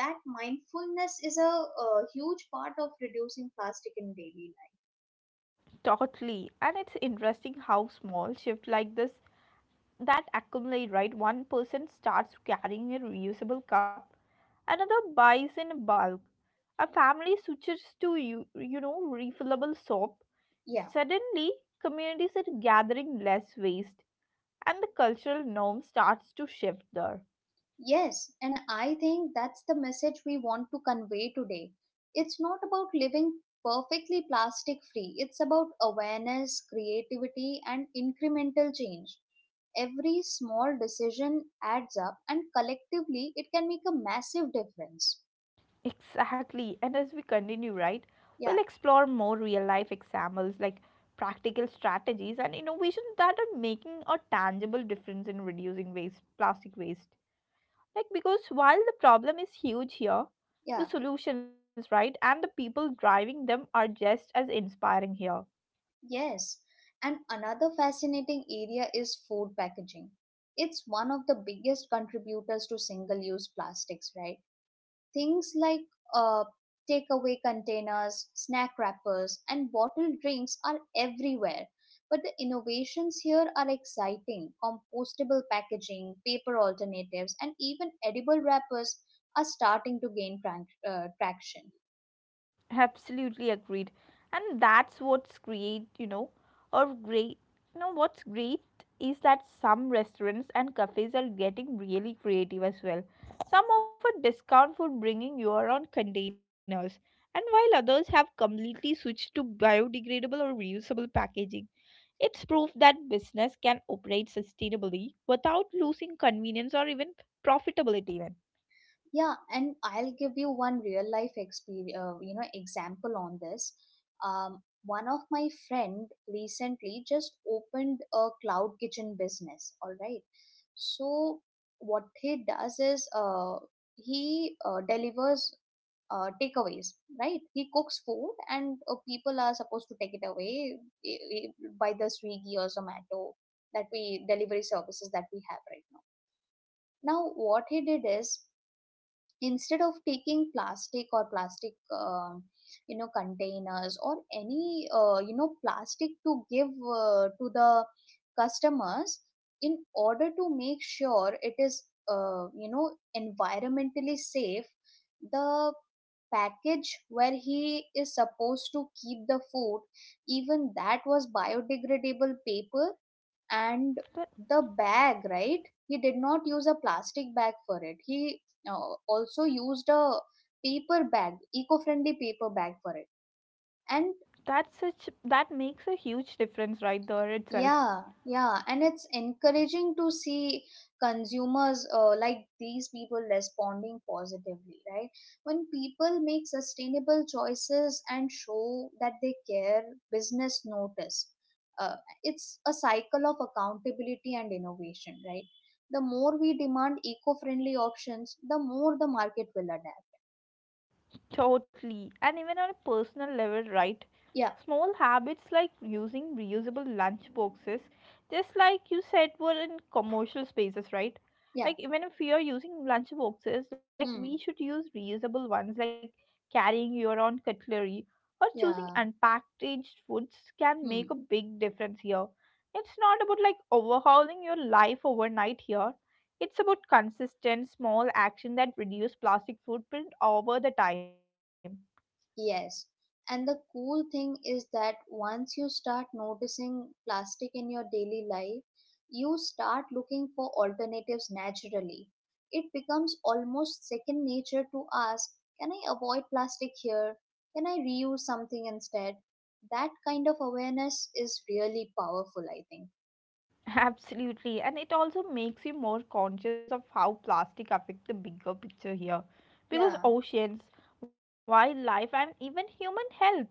B: that mindfulness is a huge part of reducing plastic in daily life.
A: Totally, and it's interesting how small shift like this that accumulate, right? One person starts carrying a reusable cup, another buys in bulk. A family switches to refillable soap.
B: Yeah.
A: Suddenly, communities are gathering less waste, and the cultural norm starts to shift there.
B: Yes, and I think that's the message we want to convey today. It's not about living perfectly plastic free, it's about awareness, creativity, and incremental change. Every small decision adds up, and collectively, it can make a massive difference.
A: Exactly. And as we continue, right,
B: Yeah,
A: we'll explore more real life examples like practical strategies and innovations that are making a tangible difference in reducing waste, plastic waste. Like, because while the problem is huge here,
B: yeah,
A: the solutions, right, and the people driving them are just as inspiring here.
B: yes. And another fascinating area is food packaging. It's one of the biggest contributors to single use plastics, right? Things like uh, takeaway containers, snack wrappers, and bottled drinks are everywhere. But the innovations here are exciting. Compostable packaging, paper alternatives, and even edible wrappers are starting to gain traction.
A: Absolutely agreed. And that's what's great, you know, or great. You know, what's great is that some restaurants and cafes are getting really creative as well. Some offer discount for bringing your own containers, and while others have completely switched to biodegradable or reusable packaging. It's proof that business can operate sustainably without losing convenience or even profitability even.
B: Yeah, and I'll give you one real life experience, example on this. One of my friend recently just opened a cloud kitchen business. All right, so what he does is, he delivers takeaways. Right, he cooks food, and people are supposed to take it away eh, eh, by the Swiggy or Zomato that we delivery services that we have right now. Now, what he did is instead of taking plastic or plastic containers or any plastic to give to the customers in order to make sure it is uh, you know environmentally safe, the package where he is supposed to keep the food, even that was biodegradable paper. And
A: That,
B: the bag, right? He did not use a plastic bag for it. He also used a paper bag, eco-friendly paper bag for it and
A: that's such that makes a huge difference right there itself.
B: yeah, yeah, and it's encouraging to see consumers like these people responding positively, right? When people make sustainable choices and show that they care, business notice. Uh, it's a cycle of accountability and innovation, right? The more we demand eco-friendly options, the more the market will adapt.
A: Totally. And even on a personal level, right?
B: Yeah,
A: Small habits like using reusable lunch boxes, just like you said, were in commercial spaces, right?
B: yeah,
A: Like, even if we are using lunch boxes, like,
B: hmm,
A: we should use reusable ones, like carrying your own cutlery or choosing
B: yeah,
A: unpackaged foods can
B: hmm.
A: make a big difference here. It's not about like overhauling your life overnight here. It's about consistent small action that reduce plastic footprint over the time.
B: Yes. And the cool thing is that once you start noticing plastic in your daily life, you start looking for alternatives naturally. It becomes almost second nature to ask, can I avoid plastic here? Can I reuse something instead? That kind of awareness is really powerful, I think.
A: Absolutely, and it also makes you more conscious of how plastic affect the bigger picture here. Because
B: Yeah,
A: oceans, wildlife, and even human health, right?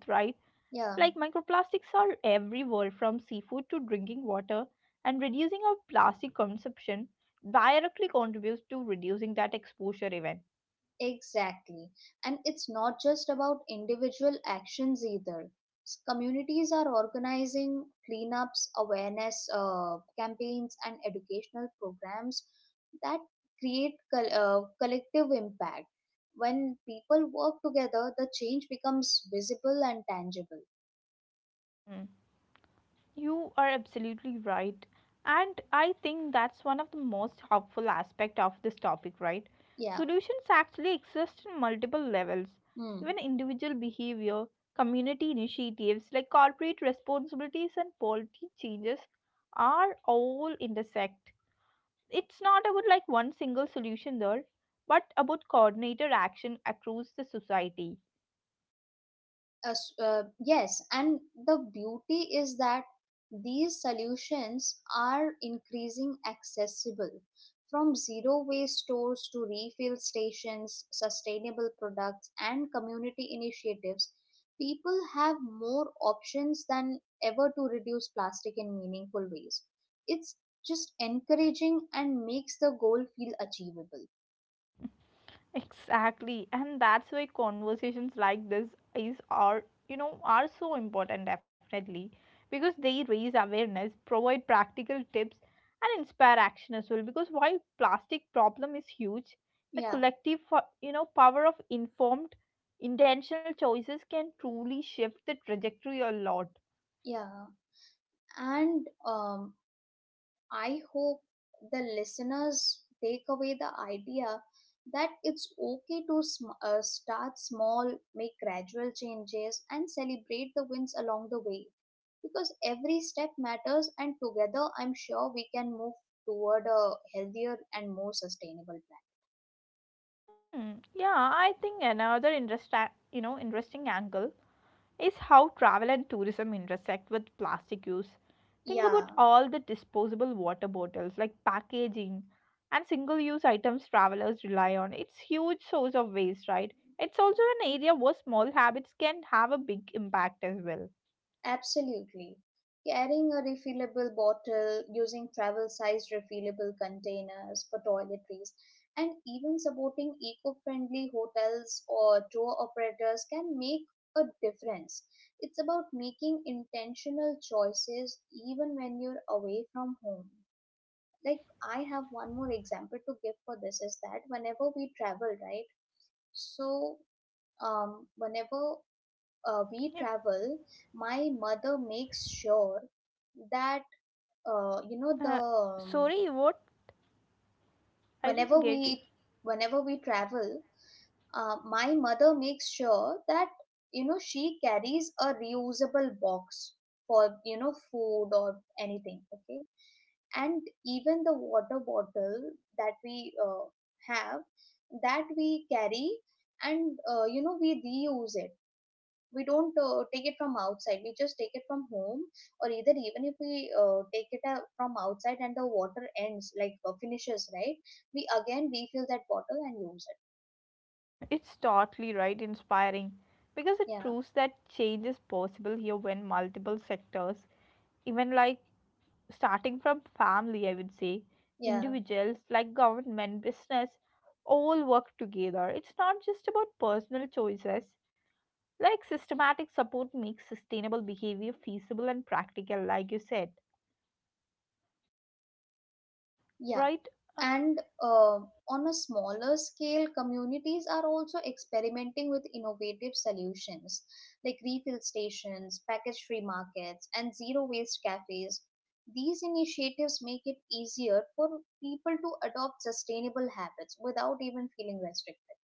A: Like
B: yeah.
A: microplastics are everywhere from seafood to drinking water, and reducing our plastic consumption directly contributes to reducing that exposure even.
B: Exactly. And it's not just about individual actions either. Communities are organizing cleanups, awareness campaigns, and educational programs that create collective impact. When people work together, the change becomes visible and tangible.
A: Hmm. You are absolutely right. And I think that's one of the most helpful aspect of this topic, right?
B: Yeah.
A: Solutions actually exist in multiple levels, even
B: Hmm.
A: individual behavior, community initiatives like corporate responsibilities and policy changes are all intersect. It's not about like one single solution there, but about coordinated action across the society.
B: Yes, and the beauty is that these solutions are increasing accessible, from zero waste stores to refill stations, sustainable products, and community initiatives. People have more options than ever to reduce plastic in meaningful ways. It's just encouraging and makes the goal feel achievable.
A: Exactly, and that's why conversations like this is are are so important definitely, because they raise awareness, provide practical tips, and inspire action as well. Because while plastic problem is huge, the
B: Yeah,
A: collective power of informed, intentional choices can truly shift the trajectory a lot.
B: yeah, and I hope the listeners take away the idea that it's okay to start small, make gradual changes, and celebrate the wins along the way. Because every step matters, and together, I'm sure we can move toward a healthier and more sustainable plan.
A: Hmm. Yeah, I think another interest interesting angle is how travel and tourism intersect with plastic use. Think about
B: Yeah.
A: all the disposable water bottles, like packaging and single use items travelers rely on. It's huge source of waste, right? It's also an area where small habits can have a big impact as well.
B: Absolutely. Carrying a refillable bottle, using travel sized refillable containers for toiletries, and even supporting eco friendly hotels or tour operators can make a difference. It's about making intentional choices even when you're away from home. Like, I have one more example to give for this is that whenever we travel, right? So, um, whenever uh, we
A: Yeah.
B: travel, my mother makes sure that you know the
A: Uh, sorry, what? I didn't
B: whenever
A: get you.
B: we whenever we travel, my mother makes sure that you know she carries a reusable box for you know food or anything. Okay, and even the water bottle that we have, that we carry and we reuse it. We don't take it from outside, we just take it from home, or either even if we take it from outside and the water ends like finishes, right, we again refill that bottle and use it.
A: It's totally right, inspiring because it
B: Yeah,
A: proves that change is possible here when multiple sectors even like starting from family, I would say,
B: yeah,
A: individuals like government, business, all work together. It's not just about personal choices. Like systematic support makes sustainable behavior feasible and practical, like you said,
B: yeah,
A: right? Uh,
B: and on a smaller scale, communities are also experimenting with innovative solutions like refill stations, package free markets, and zero waste cafes. These initiatives make it easier for people to adopt sustainable habits without even feeling restricted.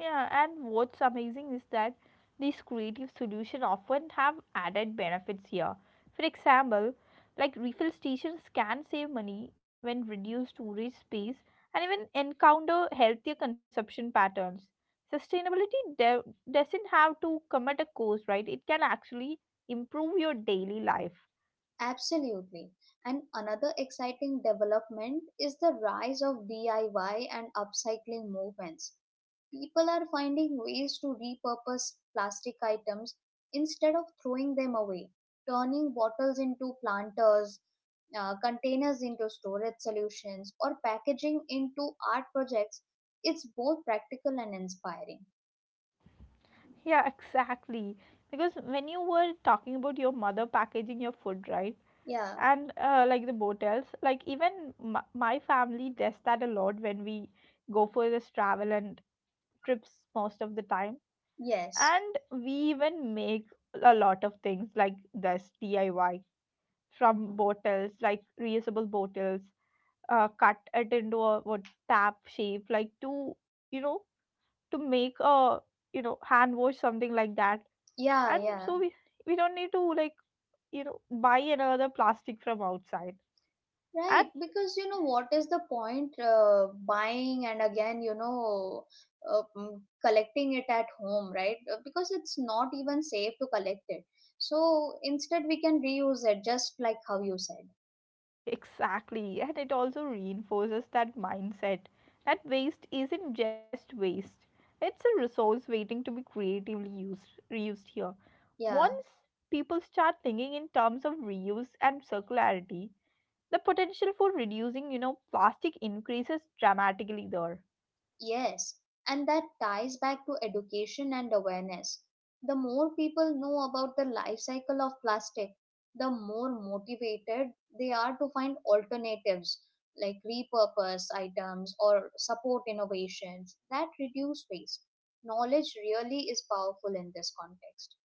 A: Yeah, and what's amazing is that these creative solutions often have added benefits here. For example, like refill stations can save money when reduced storage space and even encounter healthier consumption patterns. Sustainability de- doesn't have to come at a cost, right? It can actually improve your daily life.
B: Absolutely, and another exciting development is the rise of DIY and upcycling movements. People are finding ways to repurpose plastic items instead of throwing them away, turning bottles into planters, containers into storage solutions, or packaging into art projects. It's both practical and inspiring.
A: Yeah, exactly. Because when you were talking about your mother packaging your food, right?
B: Yeah,
A: And like the motels like even my family does that a lot when we go for this travel and trips most of the time,
B: yes.
A: and we even make a lot of things like this diy from bottles like reusable bottles, cut it into a what tap shape like to to make a hand wash something like that.
B: Yeah,
A: And so
B: yeah.
A: we don't need to like buy another plastic from outside. And
B: Right, because you know what is the point buying and again, you know, collecting it at home, right? Because it's not even safe to collect it. So instead, we can reuse it just like how you said.
A: exactly, and it also reinforces that mindset that waste isn't just waste, it's a resource waiting to be creatively used, reused here.
B: Yeah.
A: Once people start thinking in terms of reuse and circularity, the potential for reducing, plastic increases dramatically there.
B: Yes, and that ties back to education and awareness. The more people know about the life cycle of plastic, the more motivated they are to find alternatives, like repurpose items or support innovations that reduce waste. Knowledge really is powerful in this context.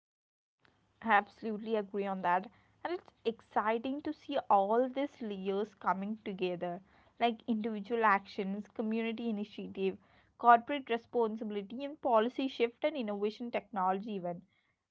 A: Absolutely agree on that. And it's exciting to see all these layers coming together, like individual actions, community initiative, corporate responsibility, and policy shift and innovation technology even.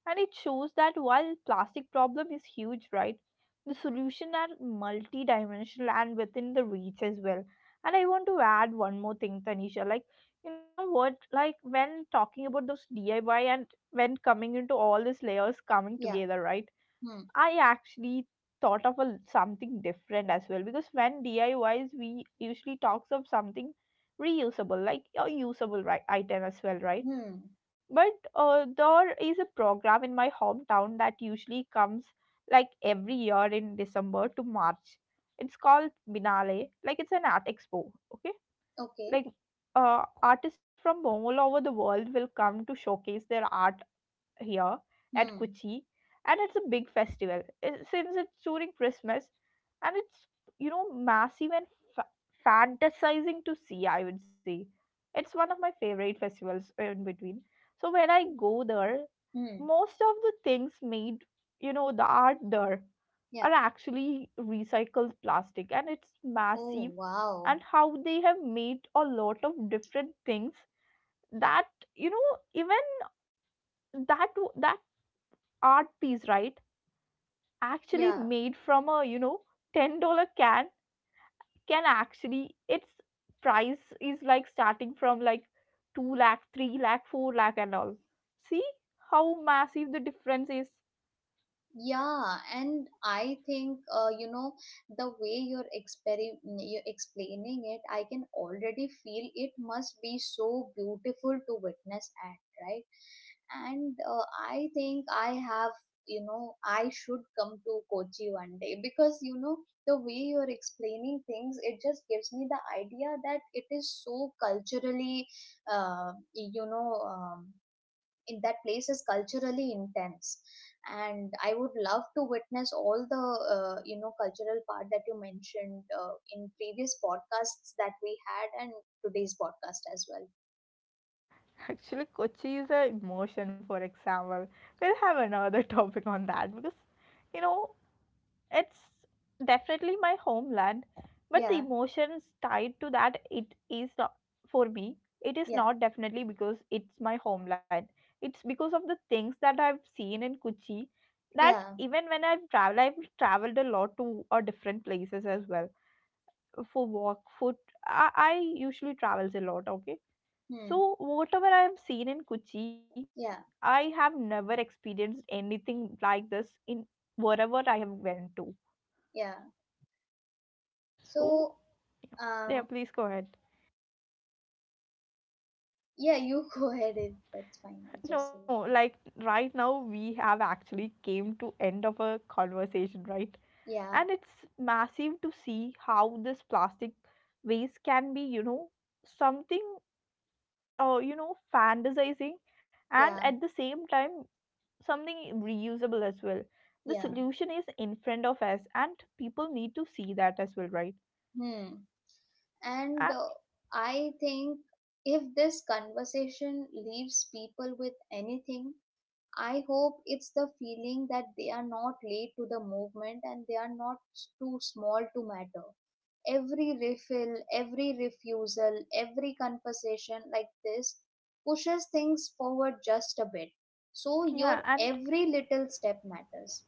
A: And it shows that while plastic problem is huge, right? The solution are multidimensional and within the reach as well. And I want to add one more thing, Tanisha. Like, you know what? Like when talking about those DIY and when coming into all these layers coming
B: Yeah.
A: together, right?
B: Hmm.
A: I actually thought of a, something different as well because when DIYs, we usually talks of something reusable, like a usable right, item as well, right?
B: Hmm.
A: But there is a program in my hometown that usually comes like every year in December to March. It's called Binale, like it's an art expo, okay?
B: Okay.
A: Like artists from all over the world will come to showcase their art here at
B: Hmm.
A: Kochi, and it's a big festival since it's during Christmas, and it's massive and fa- fantasizing to see. I would say it's one of my favorite festivals in between. So when I go there,
B: Hmm.
A: most of the things made, the art there,
B: Yeah.
A: are actually recycled plastic, and it's
B: Oh,
A: massive.
B: wow.
A: And how they have made a lot of different things that you know even that that art piece, right? Actually
B: Yeah.
A: made from a $10 can actually its price is like starting from like 2 lakh, 3 lakh, 4 lakh and all. See how massive the difference is.
B: Yeah, and I think the way you're you're explaining it, I can already feel it must be so beautiful to witness at, right? And I think I have, you know, I should come to Kochi one day, because you know the way you're explaining things, it just gives me the idea that it is so culturally, uh, you know, um in that place is culturally intense, and I would love to witness all the cultural part that you mentioned in previous podcasts that we had, and today's podcast as well.
A: Actually, Kochi is a emotion. For example, we'll have another topic on that because you know it's definitely my homeland, but the
B: Yeah,
A: emotions tied to that it is not for me. It is
B: yeah,
A: not definitely because it's my homeland. It's because of the things that I've seen in Kochi that
B: yeah,
A: even when I've traveled a lot to different places as well for work, for I usually travels a lot. Okay,
B: hmm,
A: so whatever I've seen in Kochi, I
B: yeah,
A: have never experienced anything like this in wherever I have went to.
B: yeah. So
A: So
B: um,
A: yeah, please go ahead.
B: yeah, you go ahead it, that's fine, it's just say
A: No, like right now we have actually came to end of a conversation, right?
B: yeah,
A: And it's massive to see how this plastic waste can be, you know, something fantasizing and at
B: yeah,
A: the same time something reusable as well. The
B: yeah,
A: solution is in front of us and people need to see that as well, right?
B: hmm. And
A: Uh,
B: I think if this conversation leaves people with anything, I hope it's the feeling that they are not late to the movement and they are not too small to matter. Every refill, every refusal, every conversation like this pushes things forward just a bit. So your
A: yeah, and
B: every little step matters.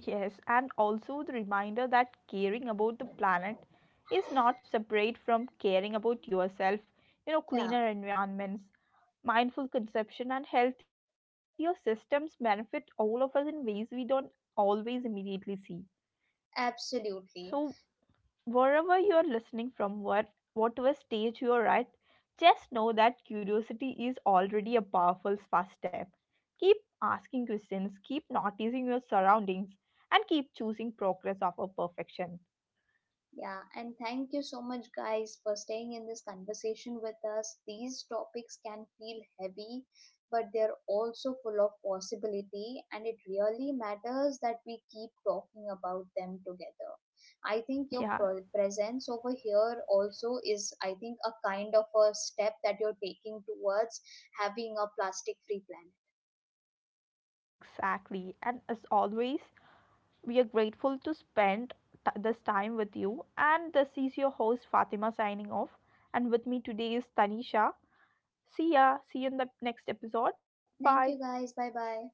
A: yes, and also the reminder that caring about the planet is not separate from caring about yourself. You know,
B: Yeah,
A: cleaner environments, mindful consumption, and healthier systems benefit all of us in ways we don't always immediately see. So,
B: absolutely.
A: wherever you are listening from, what, whatever stage you are at, just know that curiosity is already a powerful first step. Keep asking questions, keep noticing your surroundings, and keep choosing progress over perfection.
B: Yeah, and thank you so much, guys, for staying in this conversation with us. These topics can feel heavy, but they're also full of possibility, and it really matters that we keep talking about them together. I think your
A: Yeah,
B: presence over here also is, I think, a kind of a step that you're taking towards having a plastic free planet.
A: exactly. And as always, we are grateful to spend this time with you. And this is your host Fatima signing off. And with me today is Tanisha. See ya. See you in the next episode. Bye.
B: Thank you, guys. Bye bye.